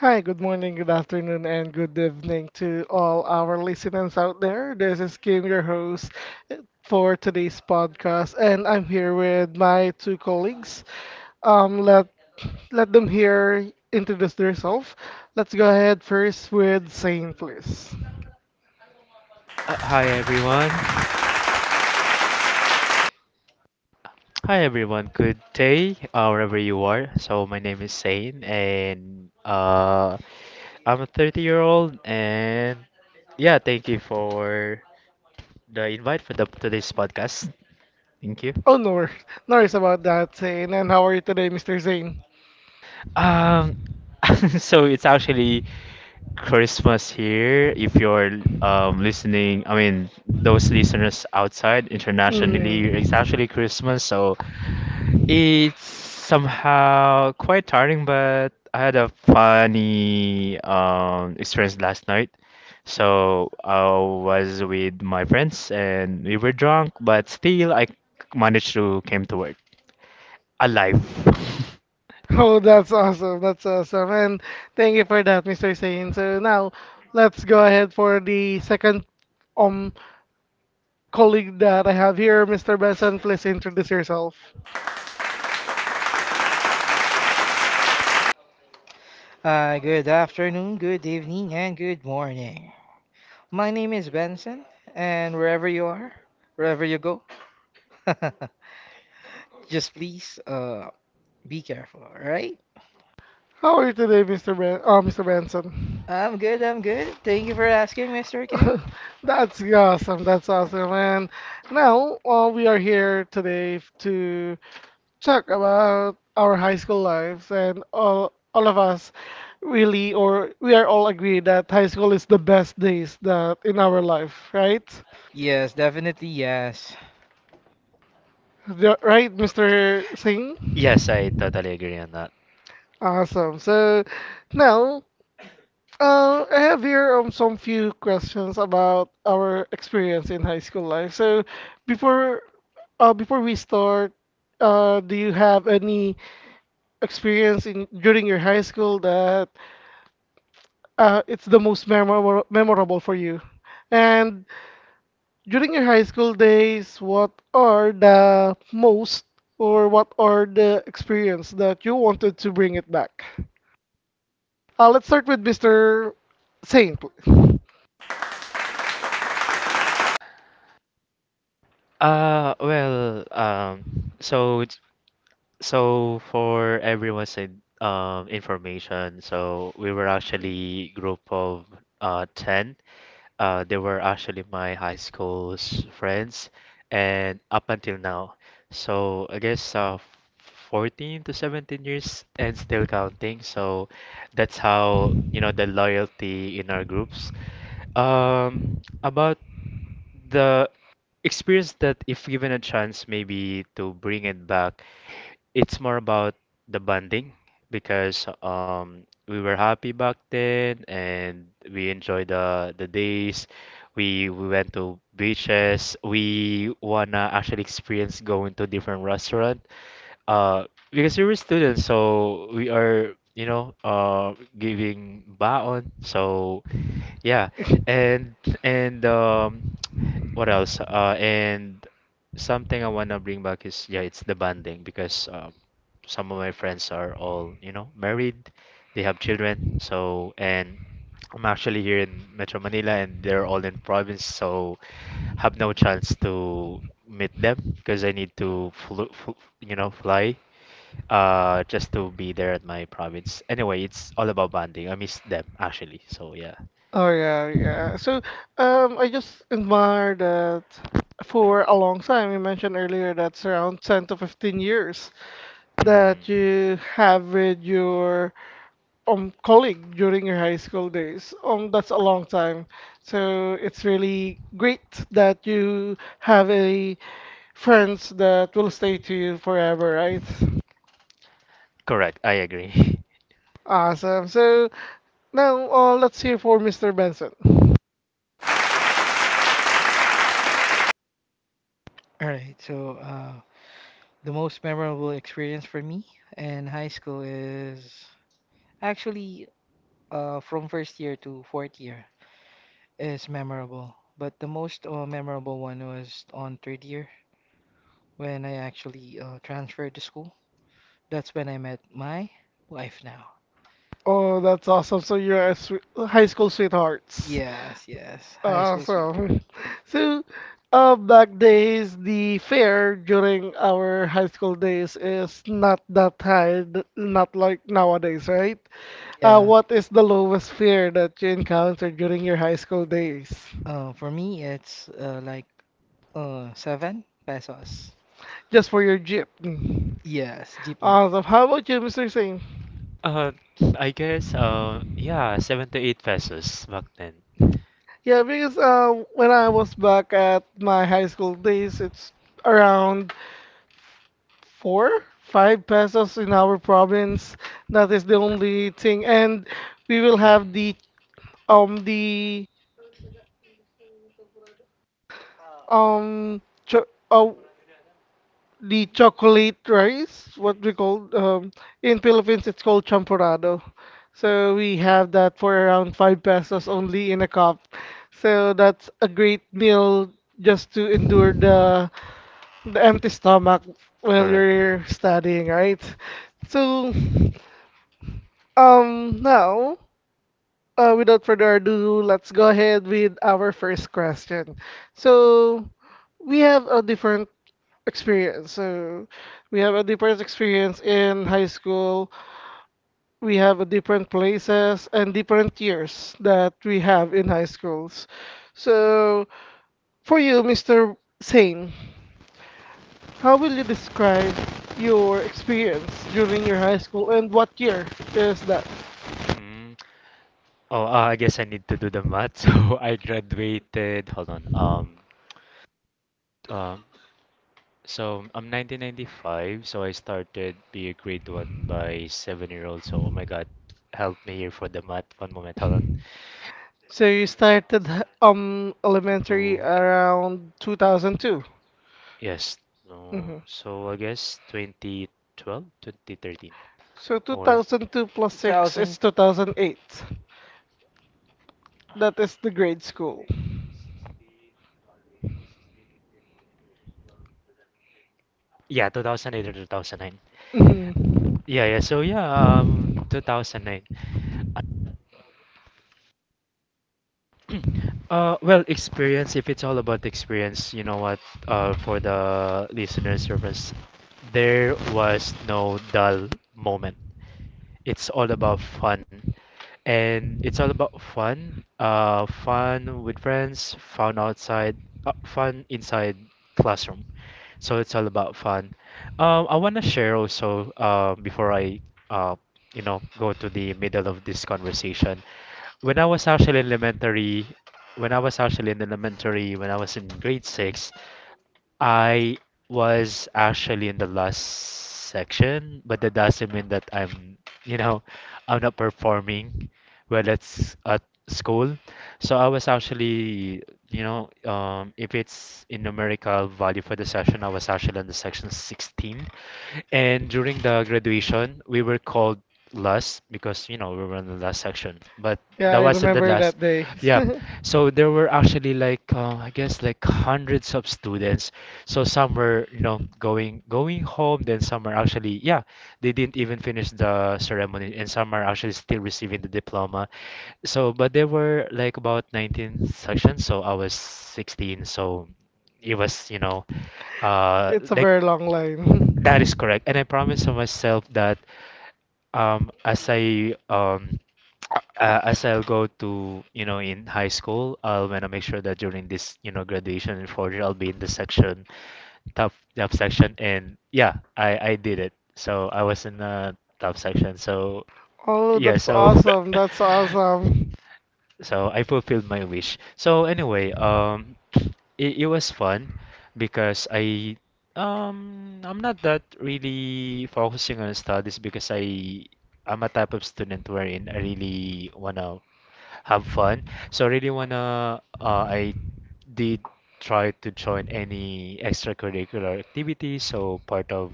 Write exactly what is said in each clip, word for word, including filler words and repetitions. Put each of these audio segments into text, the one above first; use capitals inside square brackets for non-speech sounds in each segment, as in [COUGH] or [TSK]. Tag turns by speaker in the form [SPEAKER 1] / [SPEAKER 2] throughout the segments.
[SPEAKER 1] Hi, good morning, good afternoon, and good evening to all our listeners out there. This is Kim, your host eh, for today's podcast, and I'm here with my two colleagues. Um, let let them here introduce themselves. Let's go ahead first with Zane, please.
[SPEAKER 2] Uh, hi everyone. Hi everyone. Good day, uh, wherever you are. So my name is Sane, and uh, I'm a thirty year old. And yeah, thank you for the invite for the today's podcast. Thank you.
[SPEAKER 1] Oh, no, wor- no worries about that, Zane. And how are you today, mister Zane?
[SPEAKER 2] Um, [LAUGHS] so it's actually Christmas here. If you're um listening, I mean those listeners outside internationally, it's
[SPEAKER 1] Mm.
[SPEAKER 2] actually Christmas. So. It's somehow quite tiring, but I had a funny um, experience last night. So I was with my friends and we were drunk, but still I managed to came to work alive. [LAUGHS]
[SPEAKER 1] Oh, that's awesome. That's awesome. And thank you for that, mister Sain. So now let's go ahead for the second um colleague that I have here, mister Benson. Please introduce yourself.
[SPEAKER 3] Uh, good afternoon, good evening, and good morning. My name is Benson, and wherever you are, wherever you go, [LAUGHS] just please uh, be careful, alright?
[SPEAKER 1] How are you today, mister Ben? Oh, mister Benson.
[SPEAKER 3] I'm good, I'm good. Thank you for asking, mister Kim.
[SPEAKER 1] [LAUGHS] That's awesome. That's awesome. And now uh, we are here today f- to talk about our high school lives. And all, all of us really, or we are all agreed that high school is the best days that in our life, right?
[SPEAKER 3] Yes, definitely yes.
[SPEAKER 1] The- right, mister Singh?
[SPEAKER 2] Yes, I totally agree on that.
[SPEAKER 1] Awesome. So now, Uh, I have here um, some few questions about our experience in high school life. So, before uh, before we start, uh, do you have any experience in during your high school that uh, it's the most memorable memorable for you? And during your high school days, what are the most or what are the experience that you wanted to bring it back? Uh, let's start with mister Saint, please.
[SPEAKER 2] Uh, well, um, so it's- so for everyone's in, um information, so we were actually group of uh ten. Uh, they were actually my high school's friends, and up until now. So I guess uh, fourteen to seventeen years and still counting. So that's how, you know, the loyalty in our groups. Um, about the experience that if given a chance maybe to bring it back, it's more about the bonding because um we were happy back then and we enjoyed the the days. We we went to beaches. We wanna actually experience going to different restaurant. Uh, because we were students, so we are, you know, uh giving baon. So yeah, and and um what else? Uh, and something I wanna bring back is yeah, it's the bonding because um, some of my friends are all, you know, married, they have children, so and I'm actually here in Metro Manila and they're all in province, so have no chance to meet them because I need to flu fl you know, fly uh just to be there at my province. Anyway, it's all about bonding. I miss them actually, so yeah.
[SPEAKER 1] Oh yeah, yeah. So, um, I just admire that for a long time. You mentioned earlier that's around ten to fifteen years that
[SPEAKER 2] Hmm.
[SPEAKER 1] you have with your um colleague during your high school days. Um, that's a long time. So it's really great that you have a friends that will stay to you forever, right?
[SPEAKER 2] Correct, I agree. [LAUGHS]
[SPEAKER 1] Awesome. So now, uh, let's hear for mister Benson.
[SPEAKER 3] Alright, so uh, the most memorable experience for me in high school is actually uh, from first year to fourth year is memorable. But the most uh, memorable one was on third year when I actually uh, transferred to school. That's when I met my wife now.
[SPEAKER 1] Oh, that's awesome. So you're a swe- high school sweethearts.
[SPEAKER 3] Yes, yes, high school sweetheart.
[SPEAKER 1] Awesome. [LAUGHS] So, uh, back days, the fare during our high school days is not that high, th- not like nowadays, right? Uh,
[SPEAKER 3] Yeah.
[SPEAKER 1] what is the lowest fare that you encountered during your high school days?
[SPEAKER 3] Uh, for me, it's uh, like uh, seven pesos.
[SPEAKER 1] Just for your jeepney.
[SPEAKER 3] Yes, jeepney.
[SPEAKER 1] Awesome. How about you, mister Singh?
[SPEAKER 2] Uh, I guess uh yeah, seven to eight pesos back then.
[SPEAKER 1] Yeah, because uh, when I was back at my high school days, it's around four, five pesos in our province. That is the only thing, and we will
[SPEAKER 2] Mm.
[SPEAKER 1] have the um the um cho- oh, the chocolate rice. What we call um in Philippines, it's called champorado. So we have that for around five pesos only in a cup. So that's a great meal just to endure the the empty
[SPEAKER 2] Mm.
[SPEAKER 1] stomach while
[SPEAKER 2] Correct.
[SPEAKER 1] you're studying, right? So um now Uh, without further ado, let's go ahead with our first question. So, we have a different experience. So, we have a different experience in high school. We have a different places and different years that we have in high schools. So, for you, mister Sane, how will you describe your experience during your high school and what year is that?
[SPEAKER 2] Mm. Oh, uh, I guess I need to do the math. [LAUGHS] So I graduated. Hold on. Um, um, so I'm nineteen ninety-five. So I started be a grade one by seven year old. So oh my God, help me here for the math. One moment. Hold on.
[SPEAKER 1] So you started h- um elementary
[SPEAKER 2] Two,
[SPEAKER 1] around
[SPEAKER 2] two.
[SPEAKER 1] two thousand two.
[SPEAKER 2] Yes. No.
[SPEAKER 1] hmm
[SPEAKER 2] So I guess twenty twelve, twenty thirteen,
[SPEAKER 1] So
[SPEAKER 2] or
[SPEAKER 1] two thousand two plus six is two thousand eight. That is the grade school.
[SPEAKER 2] yeah, two thousand eight or two thousand nine.
[SPEAKER 1] Mhm.
[SPEAKER 2] Yeah, yeah. So yeah, um, two thousand nine. Uh, well, experience. If it's all about experience, you know what? Uh, for the listener service, there was no dull moment. It's all about fun. And it's all about fun, uh, fun with friends, fun outside, uh, fun inside classroom. So it's all about fun. Um, I want to share also uh, before I uh, you know go to the middle of this conversation. When I was actually in elementary, when I was actually in elementary, when I was in grade six, I was actually in the last section, but that doesn't mean that I'm, you know, I'm not performing well at s- at school. So I was actually, you know, um, if it's in numerical value for the section, I was actually in the section sixteen. And during the graduation, we were called last because, you know, we were in the last section. But
[SPEAKER 1] Yeah,
[SPEAKER 2] that
[SPEAKER 1] I
[SPEAKER 2] wasn't the
[SPEAKER 1] remember
[SPEAKER 2] last.
[SPEAKER 1] that day.
[SPEAKER 2] Yeah.
[SPEAKER 1] [LAUGHS]
[SPEAKER 2] So there were actually like uh, I guess like hundreds of students. So some were, you know, going going home, then some are actually, yeah, they didn't even finish the ceremony and some are actually still receiving the diploma. So, but there were like about nineteen sections, so I was sixteen, so it was, you know, uh
[SPEAKER 1] It's a
[SPEAKER 2] like
[SPEAKER 1] very long
[SPEAKER 2] that is correct. And I
[SPEAKER 1] line.
[SPEAKER 2] promised to
[SPEAKER 1] [LAUGHS]
[SPEAKER 2] myself that um, as I um, uh, as I'll go to, you know, in high school, I'll want to make sure that during this, you know, graduation in four year, I'll be in the section, top top section, and yeah, I I did it. So I was in the top section. So
[SPEAKER 1] Oh,
[SPEAKER 2] yeah,
[SPEAKER 1] that's
[SPEAKER 2] so
[SPEAKER 1] awesome. That's awesome.
[SPEAKER 2] [LAUGHS] so I fulfilled my wish. So anyway, um, [SNIFFS] it, it was fun because I um I'm not that really focusing on studies because I I'm a type of student wherein I really wanna have fun. So I really wanna uh, I did try to join any extracurricular activities. So part of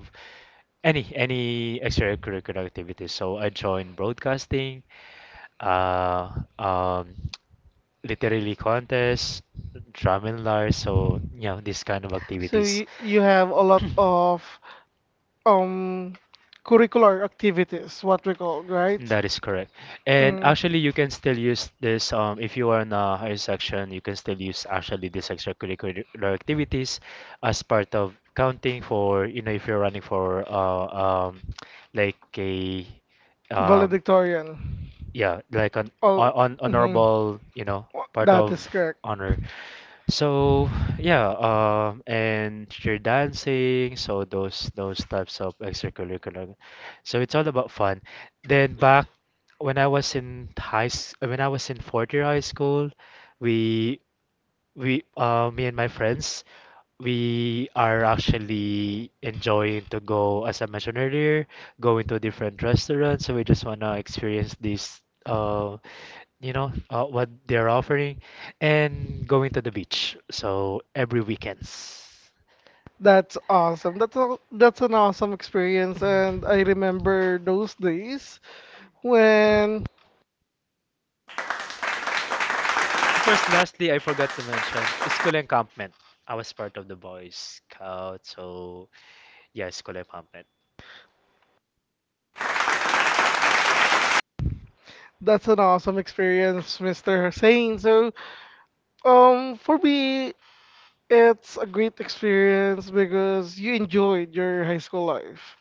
[SPEAKER 2] any any extracurricular activities. So I joined broadcasting, uh, um, literally contests, drum and lars, so yeah, these kind of
[SPEAKER 1] So
[SPEAKER 2] activities.
[SPEAKER 1] you, you have a
[SPEAKER 2] [CLEARS THROAT]
[SPEAKER 1] lot of um curricular activities, what we call, right?
[SPEAKER 2] That is correct. And
[SPEAKER 1] Mm.
[SPEAKER 2] actually, you can still use this um, if you are in a higher section, you can still use actually these extracurricular activities as part of counting for, you know, if you're running for uh, um, like a um,
[SPEAKER 1] Valedictorian.
[SPEAKER 2] yeah, like an hon-
[SPEAKER 1] Oh,
[SPEAKER 2] hon-
[SPEAKER 1] mhm.
[SPEAKER 2] honorable, you know,
[SPEAKER 1] Wha-
[SPEAKER 2] part
[SPEAKER 1] That
[SPEAKER 2] of
[SPEAKER 1] is correct.
[SPEAKER 2] honor. So yeah, um, and cheer dancing, so those those types of extracurricular. So it's all about fun. Then back when I was in high, s- when I was in fourth year high school, we we, uh, me and my friends, we are actually enjoying to go, as I mentioned earlier, going to different restaurants. So we just wanna experience this, uh, you know, uh, what they're offering, and going to the beach. So every weekends.
[SPEAKER 1] That's awesome. That's a, that's an awesome experience, and I remember those days when
[SPEAKER 2] Of course, lastly, I forgot to mention school encampment. I was part of the Boy Scout, so yeah, school encampment.
[SPEAKER 1] that's an awesome experience, mister Hussein. So, um, for me, it's a great experience because you enjoyed your high school life.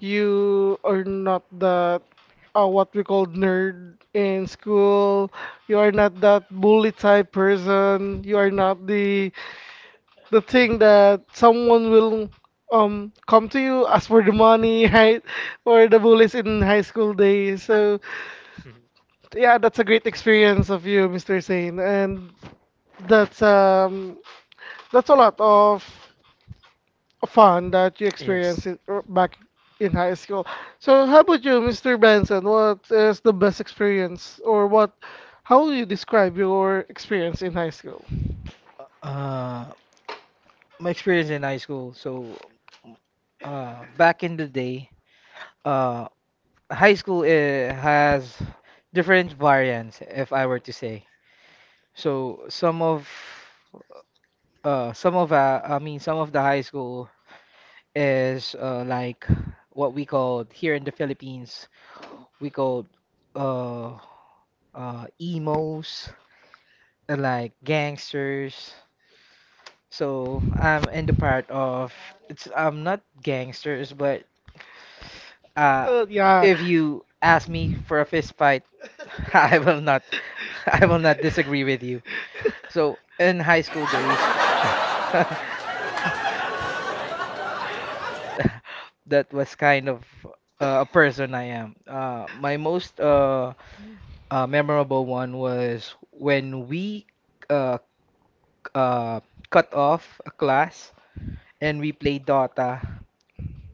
[SPEAKER 1] You are not that uh, what we call nerd in school. You are not that bully type person. You are not the the thing that someone will um come to you ask for the money, [LAUGHS] right? Or the bullies in high school days. So
[SPEAKER 2] [LAUGHS]
[SPEAKER 1] yeah, that's a great experience of you, mister Sane, and that's um that's a lot of fun that you experienced
[SPEAKER 2] Yes.
[SPEAKER 1] it er,
[SPEAKER 2] To
[SPEAKER 1] back in high school. So how about you, mister Benson? What is the best experience or what how would you describe your experience in high school?
[SPEAKER 3] Uh, my experience in high school. So, uh, back in the day, uh, high school eh, has different variants, if I were to say. So some of uh some of uh, I mean, some of the high school is uh, like what we call here in the Philippines we call uh uh emos, uh, like gangsters. So I'm in the part of it's I'm not gangsters, but Uh,
[SPEAKER 1] Uh, yeah.
[SPEAKER 3] if you
[SPEAKER 1] [LAUGHS]
[SPEAKER 3] ask me for a fist fight, [LAUGHS] I will not, [LAUGHS] I will not disagree with you. So in high school days, [LAUGHS] that was kind of uh, a person I am. Uh, my most uh, uh, memorable one was when we uh, c- uh, cut off a class and we played Dota.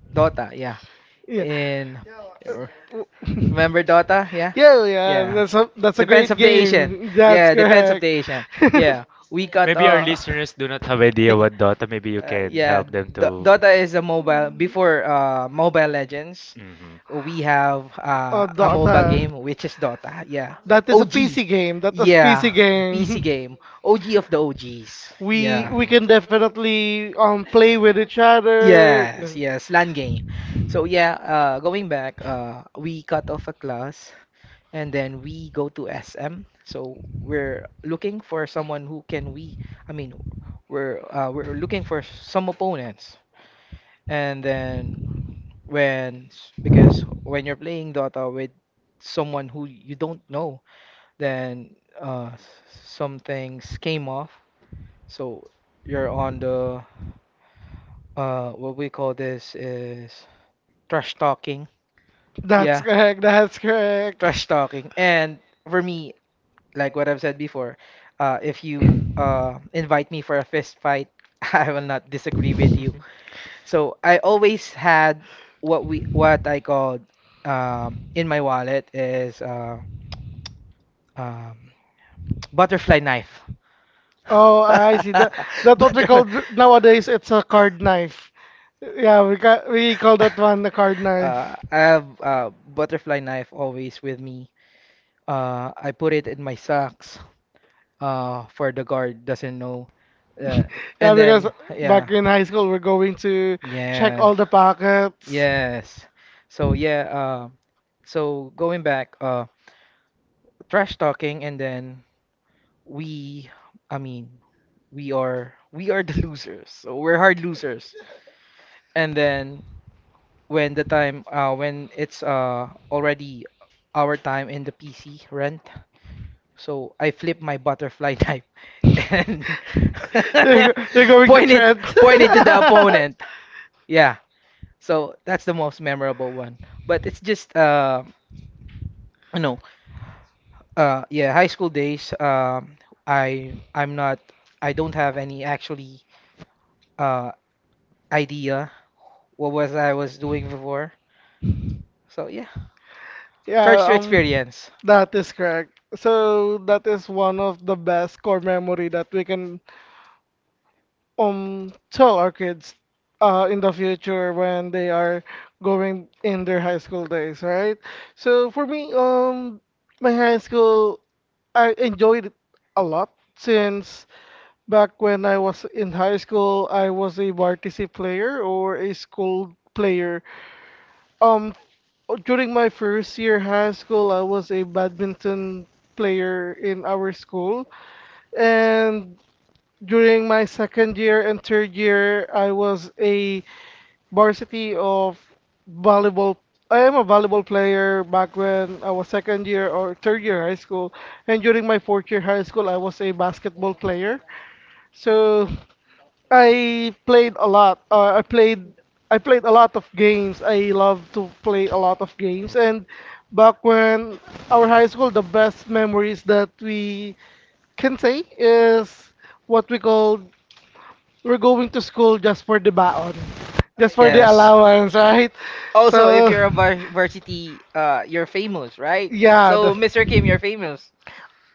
[SPEAKER 3] Dota, yeah.
[SPEAKER 1] Yeah.
[SPEAKER 3] in
[SPEAKER 1] Uh,
[SPEAKER 3] r-
[SPEAKER 1] w- [LAUGHS]
[SPEAKER 3] Remember Dota? Yeah,
[SPEAKER 1] Yeah, yeah,
[SPEAKER 3] yeah.
[SPEAKER 1] that's a that's a
[SPEAKER 3] Depends
[SPEAKER 1] great
[SPEAKER 3] of the Asian.
[SPEAKER 1] game. That's
[SPEAKER 3] Yeah, depends of the
[SPEAKER 1] correct.
[SPEAKER 3] Asian.
[SPEAKER 1] [LAUGHS]
[SPEAKER 3] Yeah, we got
[SPEAKER 2] maybe our
[SPEAKER 3] uh,
[SPEAKER 2] listeners do not have
[SPEAKER 3] [LAUGHS]
[SPEAKER 2] idea what Dota. Maybe you
[SPEAKER 3] uh
[SPEAKER 2] can
[SPEAKER 3] yeah.
[SPEAKER 2] help them
[SPEAKER 3] Do-
[SPEAKER 2] to.
[SPEAKER 3] Dota is a mobile
[SPEAKER 1] Mm.
[SPEAKER 3] before uh Mobile Legends.
[SPEAKER 2] Mm-hmm.
[SPEAKER 3] We have uh,
[SPEAKER 1] uh, Oh,
[SPEAKER 3] a MOBA
[SPEAKER 1] Dota.
[SPEAKER 3] game, which is Dota. Yeah.
[SPEAKER 1] That is a
[SPEAKER 3] OG.
[SPEAKER 1] P C game. That is P C
[SPEAKER 3] Yeah.
[SPEAKER 1] game.
[SPEAKER 3] P C
[SPEAKER 1] [LAUGHS]
[SPEAKER 3] game. O G of the O Gs.
[SPEAKER 2] We
[SPEAKER 1] We Yeah,
[SPEAKER 3] Yeah.
[SPEAKER 1] we we can
[SPEAKER 2] mm.
[SPEAKER 1] definitely um play with each other.
[SPEAKER 3] Yes,
[SPEAKER 1] [LAUGHS]
[SPEAKER 3] yes, LAN game. So yeah, uh, going back, uh, we cut off a class and then we go to S M. So we're looking for someone who can we, I mean, we're uh, we're looking for some opponents. And then, when because when you're playing Dota with someone who you don't know, then uh, s- some things came off. So you're on the uh, what we call this is trash talking.
[SPEAKER 1] That's
[SPEAKER 3] Yeah,
[SPEAKER 1] correct. That's
[SPEAKER 3] [LAUGHS]
[SPEAKER 1] correct.
[SPEAKER 3] trash talking. And for me, like what I've said before, uh, if you uh, invite me for a fist fight, [LAUGHS] I will not disagree with you.
[SPEAKER 2] Definitely
[SPEAKER 3] So I always had what we what I called, um, in my wallet is, uh, um, [TSK] butterfly knife.
[SPEAKER 1] Oh, I
[SPEAKER 3] [LAUGHS]
[SPEAKER 1] see that. That's what we
[SPEAKER 3] Butterfly.
[SPEAKER 1] call th- nowadays. It's a card knife. Yeah, we ca we call that one the card
[SPEAKER 3] Uh,
[SPEAKER 1] knife.
[SPEAKER 3] I have a butterfly knife always with me. Uh, I put it in my socks uh, for the guard doesn't know. Uh, Yeah, and
[SPEAKER 1] Yeah,
[SPEAKER 3] then
[SPEAKER 1] because
[SPEAKER 3] yeah,
[SPEAKER 1] back in high school, we're going to check
[SPEAKER 3] yes,
[SPEAKER 1] all the pockets.
[SPEAKER 3] yes. So yeah. um, So going back, uh, trash talking, and then we, I mean, we are we are the [LAUGHS] losers. So we're hard losers. And then when the time, uh, when it's uh already our time in the P C rent, so I flip my butterfly [LAUGHS] knife
[SPEAKER 1] [LAUGHS] you're,
[SPEAKER 3] and [LAUGHS]
[SPEAKER 1] go- you're going to
[SPEAKER 3] point it
[SPEAKER 1] tread.
[SPEAKER 3] point it to the [LAUGHS] opponent. Yeah. So that's the most memorable one. But it's just uh. you know. Uh, yeah, high school days. Um, I I'm not. I don't have any actually uh idea what was I was doing before. So yeah,
[SPEAKER 1] [LAUGHS]
[SPEAKER 3] charge
[SPEAKER 1] yeah,
[SPEAKER 3] to
[SPEAKER 1] um,
[SPEAKER 3] experience.
[SPEAKER 1] that is correct. So that is one of the best core memory that we can um tell our kids uh in the future when they are going in their high school days, right? So for me, um my high school I enjoyed it a lot since back when I was in high school, I was a varsity player or a school player. Um, During my first year high school, I was a badminton player in our school, and during my second year and third year, I was a varsity of volleyball. I am a volleyball player back when I was second year or third year high school, and during my fourth year high school, I was a basketball player. So I played a lot. Uh, I played I played a lot of games. I love to
[SPEAKER 2] [LAUGHS]
[SPEAKER 1] play a lot of
[SPEAKER 2] for
[SPEAKER 1] games. And back when our high school, the best memories that we can say is what we call we're going to school just for the baon, just for the
[SPEAKER 3] Yeah.
[SPEAKER 2] yes.
[SPEAKER 1] allowance, right?
[SPEAKER 3] Also, if
[SPEAKER 1] So,
[SPEAKER 3] you're a vars- varsity, uh, you're famous, right?
[SPEAKER 1] yeah, the,
[SPEAKER 3] So, mister Kim, you're famous.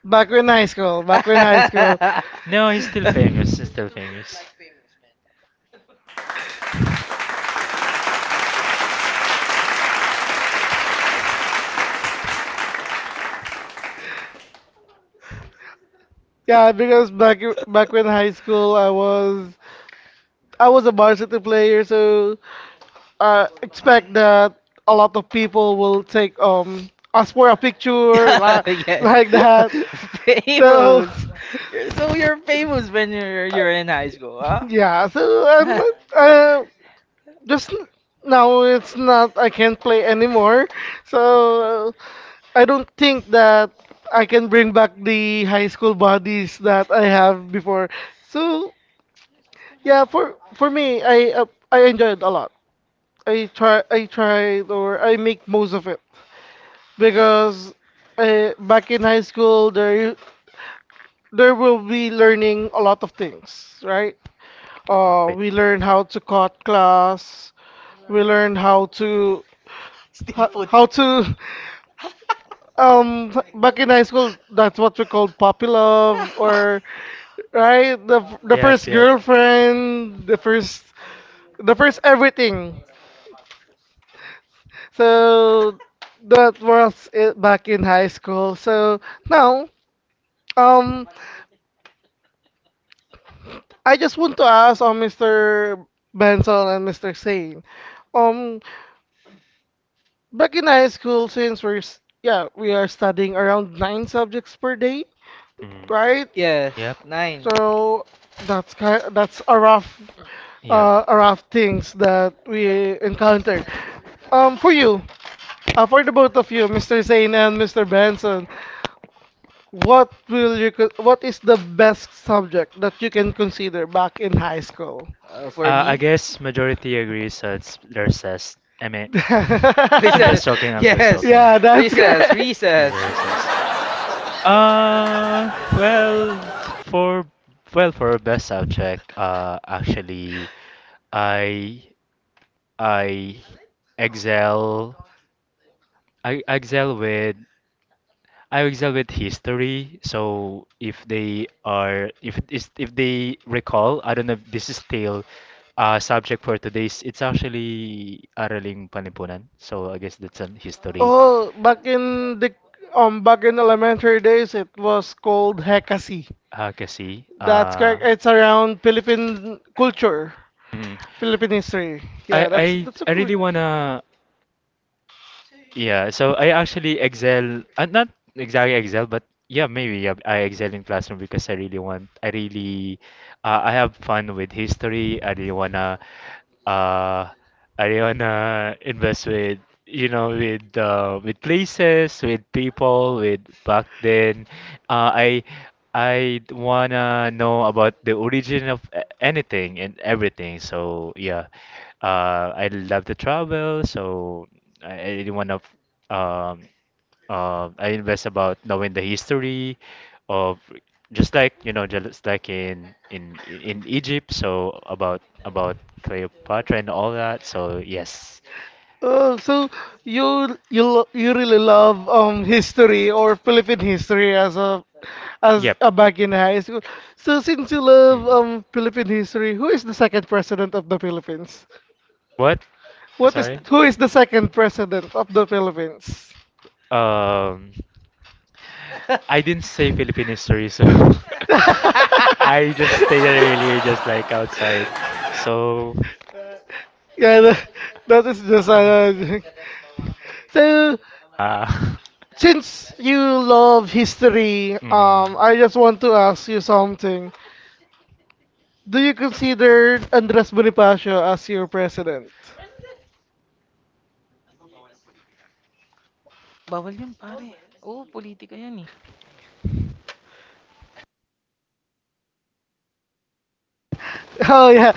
[SPEAKER 1] back when high school, back when high school.
[SPEAKER 2] No, he's still
[SPEAKER 3] [LAUGHS]
[SPEAKER 2] famous. He's still famous.
[SPEAKER 1] Yeah, because back back when high school, I was I was a varsity player, so I expect that a lot of people will take um us for a picture
[SPEAKER 3] [LAUGHS]
[SPEAKER 1] like [LAUGHS] like
[SPEAKER 3] Yes.
[SPEAKER 1] that. [LAUGHS]
[SPEAKER 3] [LAUGHS]
[SPEAKER 1] So [LAUGHS]
[SPEAKER 3] Famous. You're, so you're famous when you're you're in high school, huh?
[SPEAKER 1] Yeah, so I'm
[SPEAKER 3] [LAUGHS]
[SPEAKER 1] not, uh, just n- now it's not, I can't play anymore. So I don't think that I can bring back the high school bodies that I have before. So yeah, for for me, I uh, I enjoyed a lot. I try I tried or I make most of it because uh, back in high school there there will be learning a lot of things, right? Uh,
[SPEAKER 2] Right.
[SPEAKER 1] we learn how to cut class. We learn how to
[SPEAKER 3] Stay
[SPEAKER 1] how,
[SPEAKER 3] put.
[SPEAKER 1] how to [LAUGHS] um back in high school that's what we
[SPEAKER 3] Call
[SPEAKER 1] called puppy love
[SPEAKER 3] popular.
[SPEAKER 1] or right the f- the
[SPEAKER 2] Yep.
[SPEAKER 1] first
[SPEAKER 2] Yep.
[SPEAKER 1] girlfriend the first the first everything. So that was it back in high school. So now, um, I just want to ask on mister Benson and mister Sane, um, back in high school, since we're s- yeah we are studying around nine subjects per day,
[SPEAKER 2] Mm.
[SPEAKER 1] right?
[SPEAKER 3] [LAUGHS] Yes,
[SPEAKER 2] Yep.
[SPEAKER 3] nine.
[SPEAKER 1] So that's kind that's a rough uh,
[SPEAKER 2] Yep.
[SPEAKER 1] a rough things that we encountered. Um, for you, uh, for the both of you, mister Zane and mister Benson, what will you co- what is the best subject that you can consider back in high school?
[SPEAKER 3] Uh, for
[SPEAKER 2] Uh, I
[SPEAKER 3] me,
[SPEAKER 2] guess majority agrees. So it's their says. I mean, I'm just
[SPEAKER 3] recess. [LAUGHS]
[SPEAKER 2] joking.
[SPEAKER 3] [LAUGHS]
[SPEAKER 2] I'm just
[SPEAKER 1] [LAUGHS]
[SPEAKER 3] Yes,
[SPEAKER 2] joking.
[SPEAKER 1] Yeah, that's
[SPEAKER 3] recess,
[SPEAKER 2] Is
[SPEAKER 1] correct.
[SPEAKER 2] there
[SPEAKER 3] recess.
[SPEAKER 2] recess? Uh, well, for well for best subject, uh, actually, I I excel. I excel with I excel with history. So if they are if is if they recall, I don't know if this is still uh subject for today's. It's actually Araling Panlipunan. So I guess that's on history.
[SPEAKER 1] Oh, back in the um back in elementary days, it was called Hekasi.
[SPEAKER 2] Uh, kasi,
[SPEAKER 1] That's
[SPEAKER 2] uh,
[SPEAKER 1] correct. It's around Philippine culture,
[SPEAKER 2] mm,
[SPEAKER 1] Philippine history.
[SPEAKER 2] I,
[SPEAKER 1] Yeah, that's
[SPEAKER 2] I,
[SPEAKER 1] that's a
[SPEAKER 2] I
[SPEAKER 1] great.
[SPEAKER 2] really wanna, Yeah, so I actually excel, uh, not exactly excel, but yeah, maybe yeah, I excel in classroom because I really want, I really, uh, I have fun with history. I really wanna, uh, I really wanna invest with, you know, with uh, with places, with people, with back then. Uh, I I wanna know about the origin of a- anything and everything. So yeah, uh, I love to travel. So. I, I really want to um uh, I invest about knowing the history of just like you know just like in in in Egypt so about about Cleopatra and all that so yes.
[SPEAKER 1] Oh, so you you lo- you really love um history or Philippine history as a as
[SPEAKER 2] Yep.
[SPEAKER 1] a back in high school. So since you love
[SPEAKER 2] Mm.
[SPEAKER 1] um Philippine history, who is the second president of the Philippines?
[SPEAKER 2] What?
[SPEAKER 1] What is
[SPEAKER 2] Sorry,
[SPEAKER 1] Who is the second president of the Philippines?
[SPEAKER 2] um I didn't say Philippine history so
[SPEAKER 1] [LAUGHS] yeah,
[SPEAKER 2] [LAUGHS] I just stayed earlier just like outside
[SPEAKER 3] [LAUGHS] [LAUGHS]
[SPEAKER 2] so
[SPEAKER 1] that, that is just uh, [LAUGHS] so
[SPEAKER 2] uh, [LAUGHS]
[SPEAKER 1] since you love history,
[SPEAKER 2] hmm.
[SPEAKER 1] um, I just want to ask you something. Do you consider Andres Bonifacio as your president? [LAUGHS]
[SPEAKER 3] Bawal yun, pare. Oo, politika yan eh.
[SPEAKER 1] Oh yeah.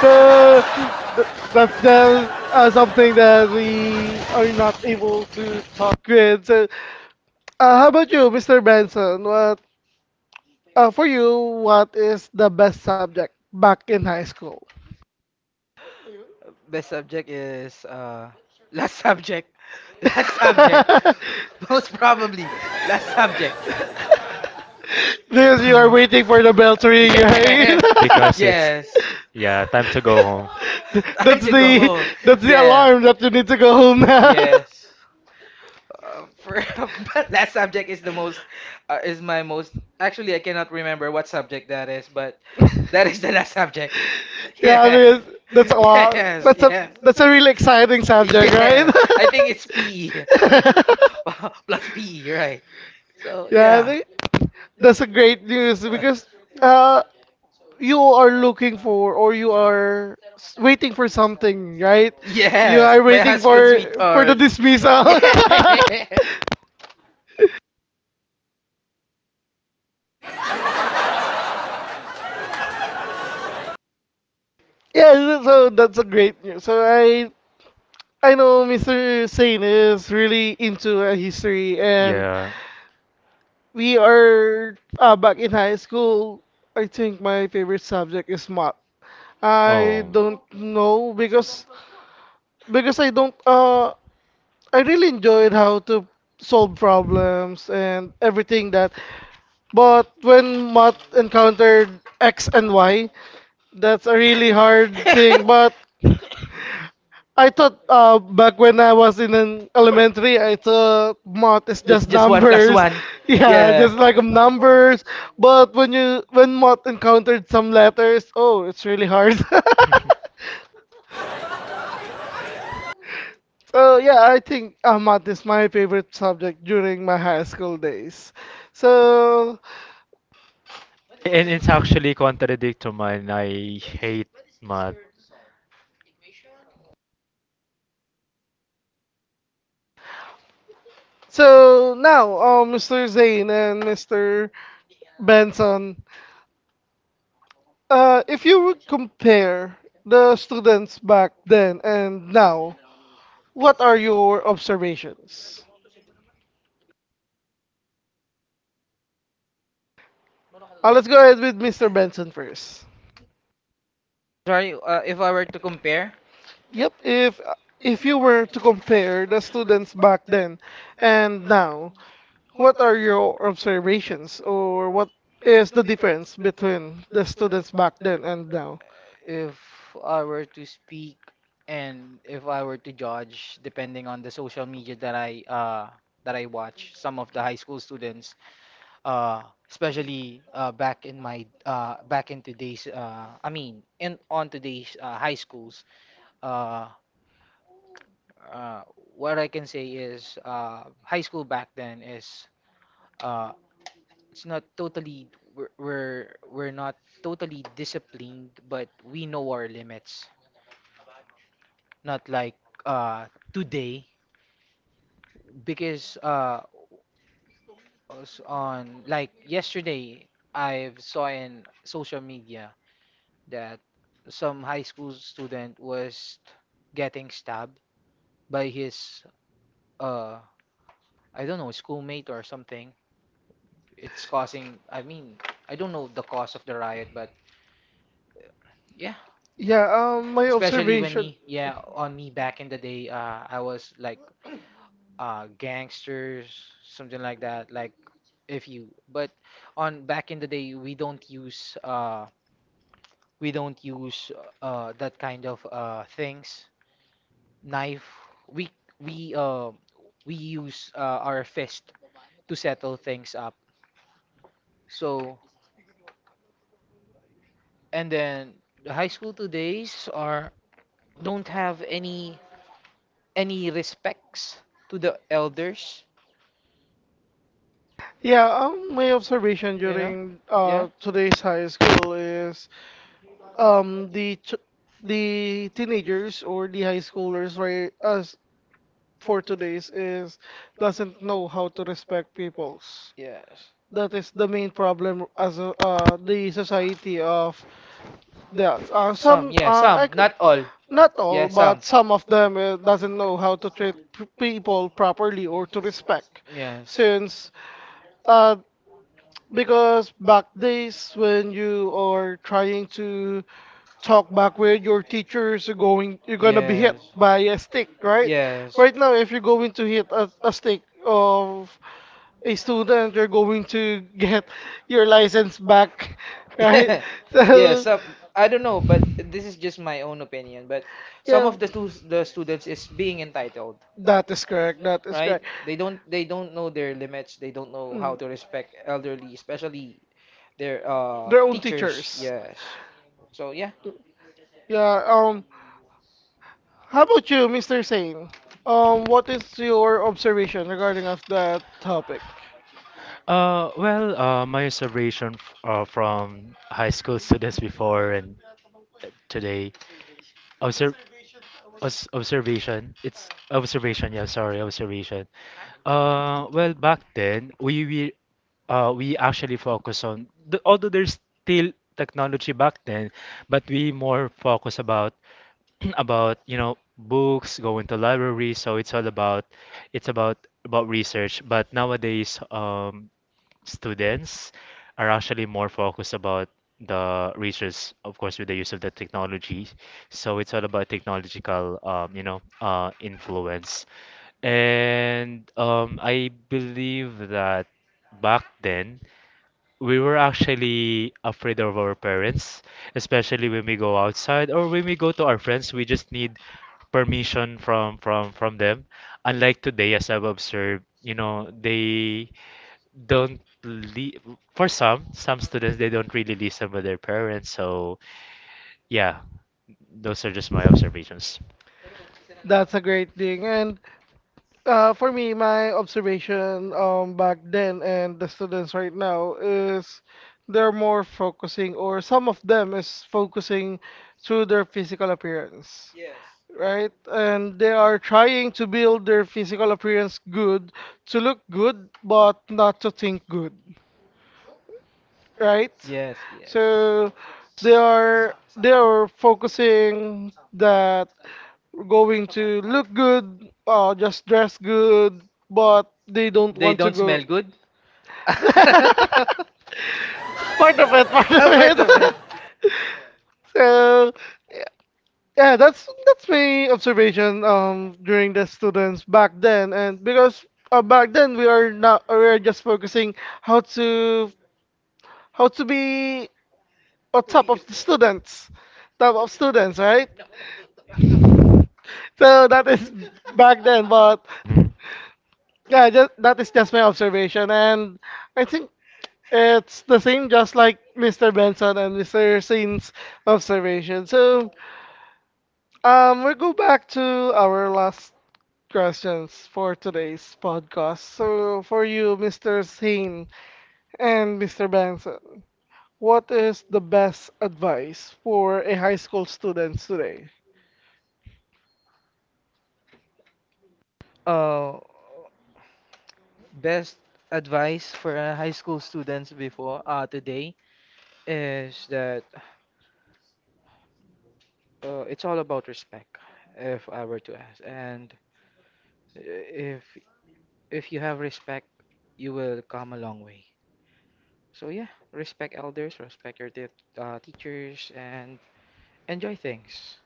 [SPEAKER 1] So th- that's just uh, something that we are not able to talk with. So, uh, how about you, mister Benson? What Uh, for you, what is the best subject back in high school? [LAUGHS]
[SPEAKER 3] Best subject is, uh, last subject. [LAUGHS] Last subject. [LAUGHS] Most probably, last subject. Yes,
[SPEAKER 1] Because you are waiting for the
[SPEAKER 2] [LAUGHS]
[SPEAKER 1] bell to ring, right? [LAUGHS]
[SPEAKER 2] Because it's
[SPEAKER 3] yes.
[SPEAKER 2] yeah, time to go home.
[SPEAKER 3] [LAUGHS] Time
[SPEAKER 1] that's
[SPEAKER 3] to go
[SPEAKER 1] the
[SPEAKER 3] home.
[SPEAKER 1] that's the
[SPEAKER 3] Yeah.
[SPEAKER 1] alarm that you need to go home now.
[SPEAKER 3] Yes. Uh, for [LAUGHS] But last subject is the most, uh, is my most, actually I cannot remember what subject that is, but that is the last subject.
[SPEAKER 1] [LAUGHS] yeah, because that's a
[SPEAKER 3] [LAUGHS]
[SPEAKER 1] lot. That's a
[SPEAKER 3] Yeah.
[SPEAKER 1] that's a really exciting subject, right?
[SPEAKER 3] Think it's P. [LAUGHS]
[SPEAKER 1] [LAUGHS]
[SPEAKER 3] [LAUGHS] Wow, Plus P, right. So,
[SPEAKER 1] yeah, I think that's a great news because uh, you are looking for or you are s- waiting for something, right? You
[SPEAKER 3] Yes,
[SPEAKER 1] are waiting for for the
[SPEAKER 3] [LAUGHS]
[SPEAKER 1] dismissal. [LAUGHS]
[SPEAKER 3] [LAUGHS]
[SPEAKER 1] yeah, so so that's a great news. So I I know mister Sane is really into uh, history and
[SPEAKER 2] Yeah.
[SPEAKER 1] we are uh, back in high school. I think my favorite subject is math. I don't
[SPEAKER 2] Oh.
[SPEAKER 1] know because because I don't uh I really enjoyed how to solve problems and everything that. But when Matt encountered X and Y, that's a really hard thing. But I thought uh, back when I was in an elementary, I thought math is just
[SPEAKER 3] numbers.
[SPEAKER 1] numbers. [LAUGHS] Yeah, just like
[SPEAKER 3] [LAUGHS]
[SPEAKER 1] um, numbers. But when you when math encountered some letters, oh, it's really hard. [LAUGHS] So yeah, I think uh, math is my favorite subject during my high school days. So
[SPEAKER 2] And it's actually contradict to mine. I hate math.
[SPEAKER 1] So now, uh, mister Zane and mister Benson, uh, if you would compare the students back then and now, what are your observations? Uh, let's go ahead with mister Benson first.
[SPEAKER 3] Sorry, uh, if I were to compare,
[SPEAKER 1] Yep, if if you were to compare the students back then and now, what are your observations, or what is the difference between the students back then and now?
[SPEAKER 3] if I were to speak, and if I were to judge, depending on the social media that I uh that I watch, some of the high school students, uh, especially uh, back in my uh back in today's uh I mean in on today's uh, high schools, uh, uh, what I can say is uh high school back then is uh it's not totally, we're we're, we're not totally disciplined, but we know our limits, not like uh today. Because uh s- on like yesterday I saw in social media that some high school student was getting stabbed by his, uh I don't know, schoolmate or something. It's causing. I mean, I don't know the cause of the riot, but yeah,
[SPEAKER 1] Yeah, um, my
[SPEAKER 3] especially when
[SPEAKER 1] observation.
[SPEAKER 3] me yeah on me, back in the day, uh I was like uh gangsters, something like that. Like, if you, but on back in the day, we don't use uh we don't use uh that kind of uh things, knife. We we uh we use uh, our fist to settle things up. So, and then the high school todays are don't have any any respects to the elders,
[SPEAKER 1] Yeah, um, my observation
[SPEAKER 3] you know
[SPEAKER 1] during
[SPEAKER 3] yeah.
[SPEAKER 1] uh today's high school is um the ch the teenagers or the high schoolers, right, as for today's, is doesn't know how to respect peoples.
[SPEAKER 3] Yes,
[SPEAKER 1] That is the main problem as a, uh the society of the uh some uh I could.
[SPEAKER 3] not all.
[SPEAKER 1] Not all, but some of them, uh, doesn't know how to treat p- people properly or to respect.
[SPEAKER 3] Yes.
[SPEAKER 1] Since uh, because back days when you are trying to talk back with your teachers, you're going you're gonna be hit by a stick, right?
[SPEAKER 3] Yes.
[SPEAKER 1] Right now, if you're going to hit a, a stick of a student, you're going to get your license back, [LAUGHS] right?
[SPEAKER 3] From [LAUGHS] [LAUGHS]
[SPEAKER 1] So
[SPEAKER 3] some. I don't know, but this is just my own opinion, but
[SPEAKER 1] yeah,
[SPEAKER 3] of the stu the students is being entitled,
[SPEAKER 1] that is correct. That is
[SPEAKER 3] correct.
[SPEAKER 1] correct.
[SPEAKER 3] They don't they don't know their limits, they don't know how
[SPEAKER 1] Mhm.
[SPEAKER 3] to respect elderly, especially their
[SPEAKER 1] Their
[SPEAKER 3] uh
[SPEAKER 1] own
[SPEAKER 3] teachers,
[SPEAKER 1] teachers.
[SPEAKER 3] yes. So yeah.
[SPEAKER 1] Yeah, um, how about you, mister Sane? Um, what is your observation regarding of that topic?
[SPEAKER 2] Uh, well, uh, my observation f uh, from high school [LAUGHS] students before and uh, today, observ obs observation, it's observation, yeah, sorry, observation. Uh, well, back then, we, we uh, we actually focus on th although there's still technology back then, but we more focus about [CLEARS THROAT] about you know books, going to library. So it's all about it's about about research. But nowadays, um, students are actually more focused about the research, of course, with the use of the technology. So it's all about technological, um, you know, uh, influence. And um, I believe that back then we were actually afraid of our parents, especially when we go outside or when we go to our friends. We just need permission from from from them. Unlike today, as I've observed, you know, they don't li for some some students they don't really listen with their parents so yeah those are just my observations.
[SPEAKER 1] That's a great thing. And Uh, for me, my observation, um, back then and the students right now, is they're more focusing, or some of them is focusing through their physical appearance, right? And they are trying to build their physical appearance good, to look good, but not to think good, right?
[SPEAKER 3] Yes, yes.
[SPEAKER 1] So they are they are focusing that going to look good, uh, just dress good, but they don't
[SPEAKER 3] They
[SPEAKER 1] want to
[SPEAKER 3] don't
[SPEAKER 1] go.
[SPEAKER 3] smell good? [LAUGHS]
[SPEAKER 1] [LAUGHS]
[SPEAKER 3] Part
[SPEAKER 1] Part of it, part
[SPEAKER 3] of
[SPEAKER 1] of
[SPEAKER 3] it. [LAUGHS] Part of it.
[SPEAKER 1] it. [LAUGHS] So yeah, that's that's my observation um during the students back then, and because uh, back then we are not we are just focusing how to how to be on top of the students, top of students, right? So that is back then, but
[SPEAKER 2] Hmm.
[SPEAKER 1] yeah, just, that is just my observation. And I think it's the same, just like mister Benson and mister Sin's observation. So um, we'll go back to our last questions for today's podcast. So for you, mister Sin and mister Benson, what is the best advice for a high school students today?
[SPEAKER 3] Uh, Best advice for uh, high school students before uh, today is that, uh, it's all about respect, if I were to ask. And if if you have respect, you will come a long way. So yeah, respect elders, respect your t- uh, teachers, and enjoy things.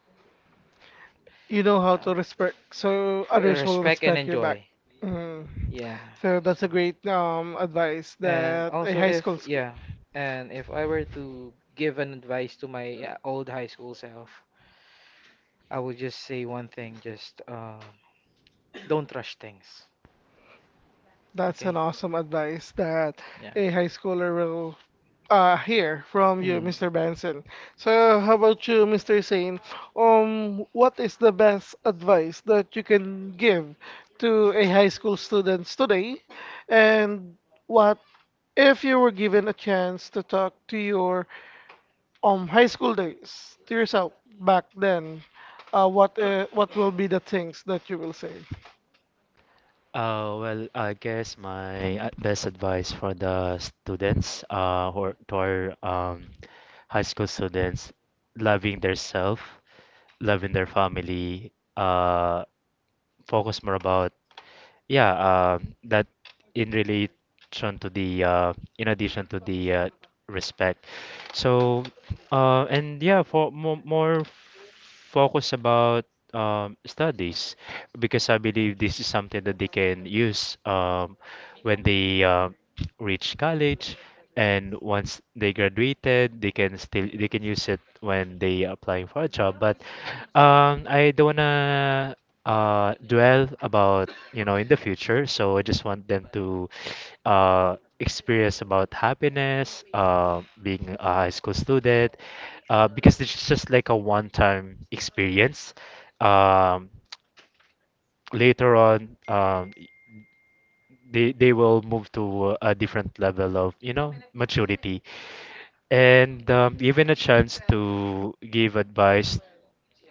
[SPEAKER 1] You know how to
[SPEAKER 3] Um,
[SPEAKER 1] respect, so
[SPEAKER 3] re-
[SPEAKER 1] others will
[SPEAKER 3] Respect and
[SPEAKER 1] respect your back.
[SPEAKER 3] enjoy.
[SPEAKER 1] Mm.
[SPEAKER 3] Yeah.
[SPEAKER 1] So that's
[SPEAKER 3] So,
[SPEAKER 1] a great um advice
[SPEAKER 3] and
[SPEAKER 1] that a
[SPEAKER 3] also
[SPEAKER 1] high
[SPEAKER 3] advice,
[SPEAKER 1] school.
[SPEAKER 3] if
[SPEAKER 1] Sch-
[SPEAKER 3] yeah, and if I were to give an advice to my uh, old high school self, I would just say one thing: just um don't rush things.
[SPEAKER 1] That's an
[SPEAKER 3] Okay?
[SPEAKER 1] awesome advice that
[SPEAKER 3] Yeah.
[SPEAKER 1] a high schooler will uh hear from you,
[SPEAKER 3] Mm. So.
[SPEAKER 1] mister Benson. So how about you, mister Sain? Um, what is the best advice that you can give to a high school students today, and what if you were given a chance to talk to your Um, high school days to yourself back then. Uh, what uh, what will be the things that you will say?
[SPEAKER 2] Uh, well I guess my uh, best advice for the students uh who are, to our um high school students, loving their self, loving their family, uh focus more about, yeah, uh, that in relation to the uh, in addition to the uh, respect. So, uh, and yeah, for more, more focus about um, studies, because I believe this is something that they can use um, when they uh, reach college, and once they graduated, they can still they can use it when they applying for a job. But um, I don't wanna uh dwell about, you know, in the future, so I just want them to uh experience about happiness, uh being a high school student, uh because it's just like a one-time experience. Um, [TSK] later on, um, they they will move to a different level of, you know, maturity. And um, given a chance to give advice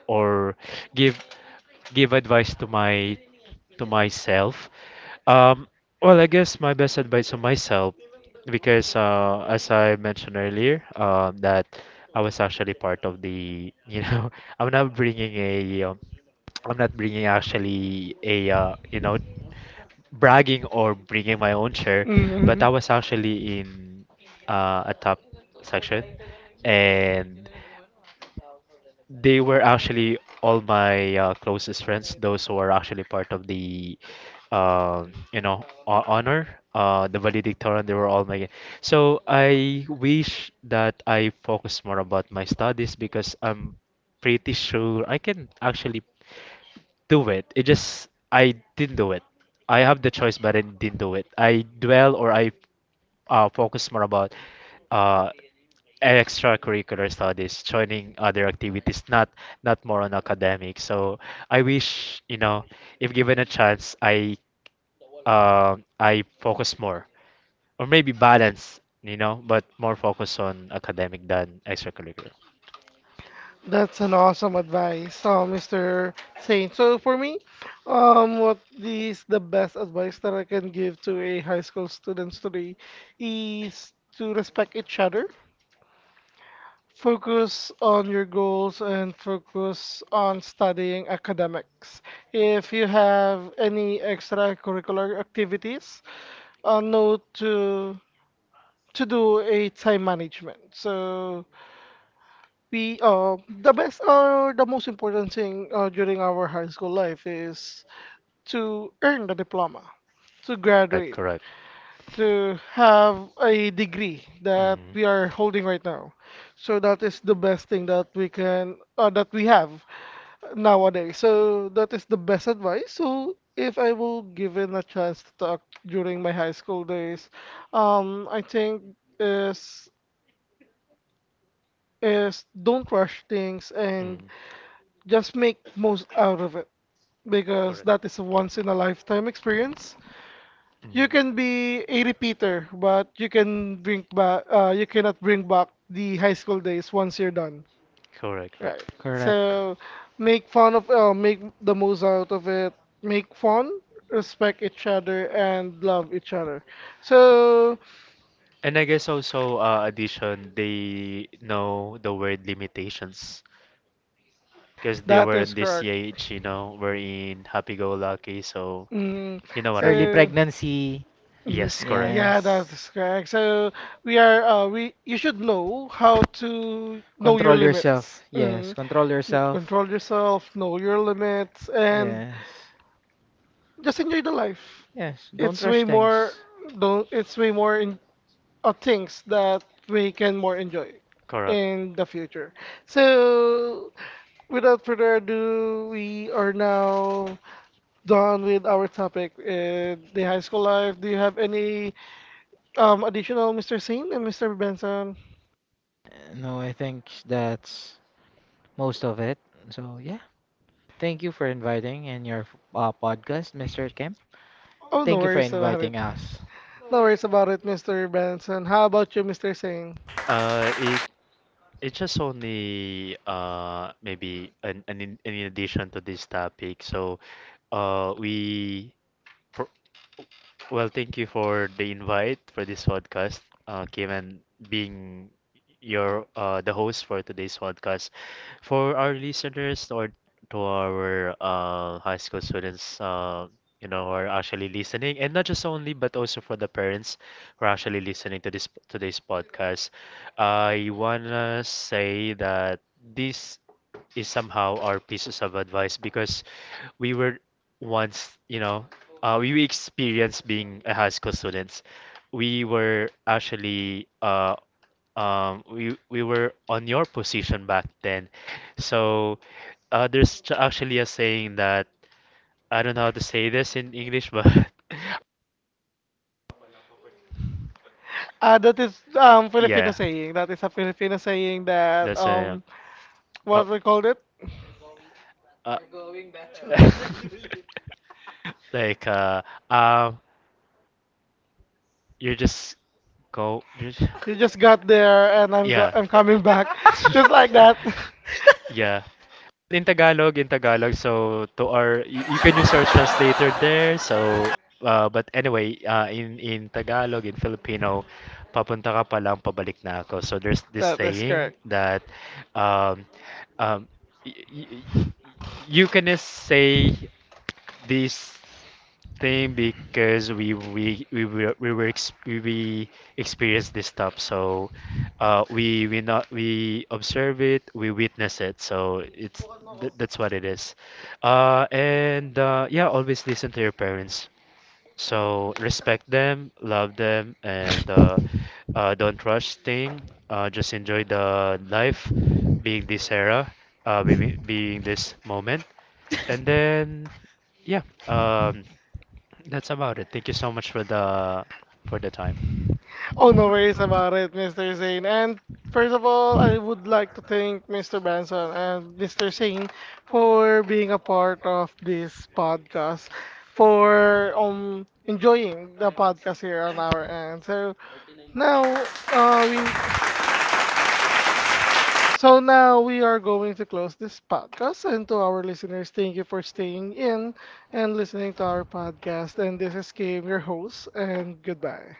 [SPEAKER 2] or give give advice to my to myself. Um, well, I guess my best advice to myself, because uh, as I mentioned earlier, um, that I was actually part of the, you know, [LAUGHS] I'm not bringing a, um, I'm not bringing actually a, uh, you know, bragging or bringing my own share, but
[SPEAKER 1] Mm,
[SPEAKER 2] I was actually in uh, a top section, and they were actually all my uh, closest friends, those who are actually part of the, um, you know, ho- honor, uh, the valedictorian. They were all my. So I wish that I focus more about my studies because I'm pretty sure I can actually do it. It just I didn't do it. I have the choice, but I didn't do it. I dwell or I uh, focus more about uh, extracurricular studies, joining other activities, not not more on academic. So I wish you know, if given a chance, I um I focus more or maybe balance, you know, but more focus on academic than extracurricular.
[SPEAKER 1] that's an awesome advice, uh, mister Saint. So for me, um, what is the best advice that I can give to a high school students today is to respect each other, focus on your goals, and focus on studying academics. If you have any extracurricular activities, uh, know to to do a time management. So we uh, the best or the most important thing uh, during our high school life is to earn the diploma, to
[SPEAKER 2] Correct,
[SPEAKER 1] graduate,
[SPEAKER 2] correct.
[SPEAKER 1] to have a degree that
[SPEAKER 2] Mm,
[SPEAKER 1] we are holding right now. So that is the best thing that we can uh, that we have nowadays. So that is the best advice. So if I will given a chance to talk during my high school days, um, I think is is don't rush things, and
[SPEAKER 2] mm,
[SPEAKER 1] just make most out of it, because
[SPEAKER 2] correct.
[SPEAKER 1] that is a once in a lifetime experience.
[SPEAKER 2] Mm,
[SPEAKER 1] You can be a repeater, but you can bring back. Uh, you cannot bring back the high school days once you're done.
[SPEAKER 2] correct,
[SPEAKER 1] Right.
[SPEAKER 2] correct.
[SPEAKER 3] Correct.
[SPEAKER 1] So make fun of. Uh, make the most out of it. Make fun. Respect each other and love each other. So
[SPEAKER 2] And I guess also uh, addition, they know the word limitations because they
[SPEAKER 1] that
[SPEAKER 2] were
[SPEAKER 1] is
[SPEAKER 2] in this
[SPEAKER 1] correct.
[SPEAKER 2] age, you know, we're in happy-go-lucky, so
[SPEAKER 1] Mm,
[SPEAKER 2] you know what I
[SPEAKER 3] Early we're
[SPEAKER 2] mean.
[SPEAKER 1] so.
[SPEAKER 3] pregnancy.
[SPEAKER 1] Mhm.
[SPEAKER 2] Yes, correct,
[SPEAKER 1] Yeah,
[SPEAKER 3] Yes.
[SPEAKER 1] that's correct. So we are uh, we you should know how to know your
[SPEAKER 3] Control
[SPEAKER 1] limits.
[SPEAKER 3] yourself. Yes,
[SPEAKER 1] Mm.
[SPEAKER 3] control
[SPEAKER 1] N-
[SPEAKER 3] yourself.
[SPEAKER 1] Control yourself, know your limits, and
[SPEAKER 3] Yes.
[SPEAKER 1] just enjoy the life.
[SPEAKER 3] Yes, don't
[SPEAKER 1] It's way
[SPEAKER 3] rush
[SPEAKER 1] more
[SPEAKER 3] things.
[SPEAKER 1] don't it's way more in, uh, things that we can more enjoy
[SPEAKER 2] correct.
[SPEAKER 1] in the future. So without further ado, we are now done with our topic in the high school life. Do you have any Um, additional, mister Saint and mister Benson?
[SPEAKER 3] Uh, No, I think that's most of it. So, yeah. Thank you for inviting in your uh, podcast, mister Kim.
[SPEAKER 1] Oh, no
[SPEAKER 3] Thank you for
[SPEAKER 1] worries about it.
[SPEAKER 3] inviting us.
[SPEAKER 1] No worries about it, mister Benson. How about you, mister Saint?
[SPEAKER 2] Uh, it it's just only uh maybe an an in, an addition to this topic. So, uh, we pro well, thank you for the invite for this podcast, uh, Kim, and being your uh, the host for today's podcast. For our listeners or to our uh, high school students, uh, you know, who are actually listening, and not just only, but also for the parents who are actually listening to this today's podcast. I wanna say that this is somehow our pieces of advice because we were once, you know, uh, we experienced being a high school students. We were actually uh, um, we we were on your position back then. So uh, there's ch- actually a saying that I don't know how to say this in English, but
[SPEAKER 1] Uh, that is um
[SPEAKER 2] [LAUGHS]
[SPEAKER 1] Filipino
[SPEAKER 2] yeah,
[SPEAKER 1] saying. That is a Filipino saying that
[SPEAKER 2] that's a
[SPEAKER 1] um
[SPEAKER 2] pop.
[SPEAKER 1] what we called it.
[SPEAKER 2] Uh, [LAUGHS] like uh, um, you just go. You just,
[SPEAKER 1] You just got there, and I'm go-
[SPEAKER 2] yeah.
[SPEAKER 1] I'm coming back, [LAUGHS] just like
[SPEAKER 2] [LAUGHS]
[SPEAKER 1] that. [LAUGHS]
[SPEAKER 2] yeah. In Tagalog, in Tagalog, so to our, y- you can use our translator there. So, uh, but anyway, uh, in in Tagalog, in Filipino, papunta ka pa lang, pabalik na ako. So there's this
[SPEAKER 1] That is correct.
[SPEAKER 2] saying that, um, um, y- y- y- you can just say this thing because we we we were we were ex we we experienced this stuff. So uh, we we not we observe it, we witness it. So it's th that's what it is. Uh, and uh, yeah, always listen to your parents. So respect them, love them, and uh, uh, don't rush thing. Uh, just enjoy the life, being this era, uh, being, being this moment, and then yeah. Um, that's about it. Thank you so much for the for the time.
[SPEAKER 1] Oh, no worries about it, mister Zane. And first of all, I would like to thank mister Branson and mister Zane for being a part of this podcast, for um enjoying the podcast here on our end. So now, uh, we so now we are going to close this podcast. And to our listeners, thank you for staying in and listening to our podcast. And this is Kim, your host, and goodbye.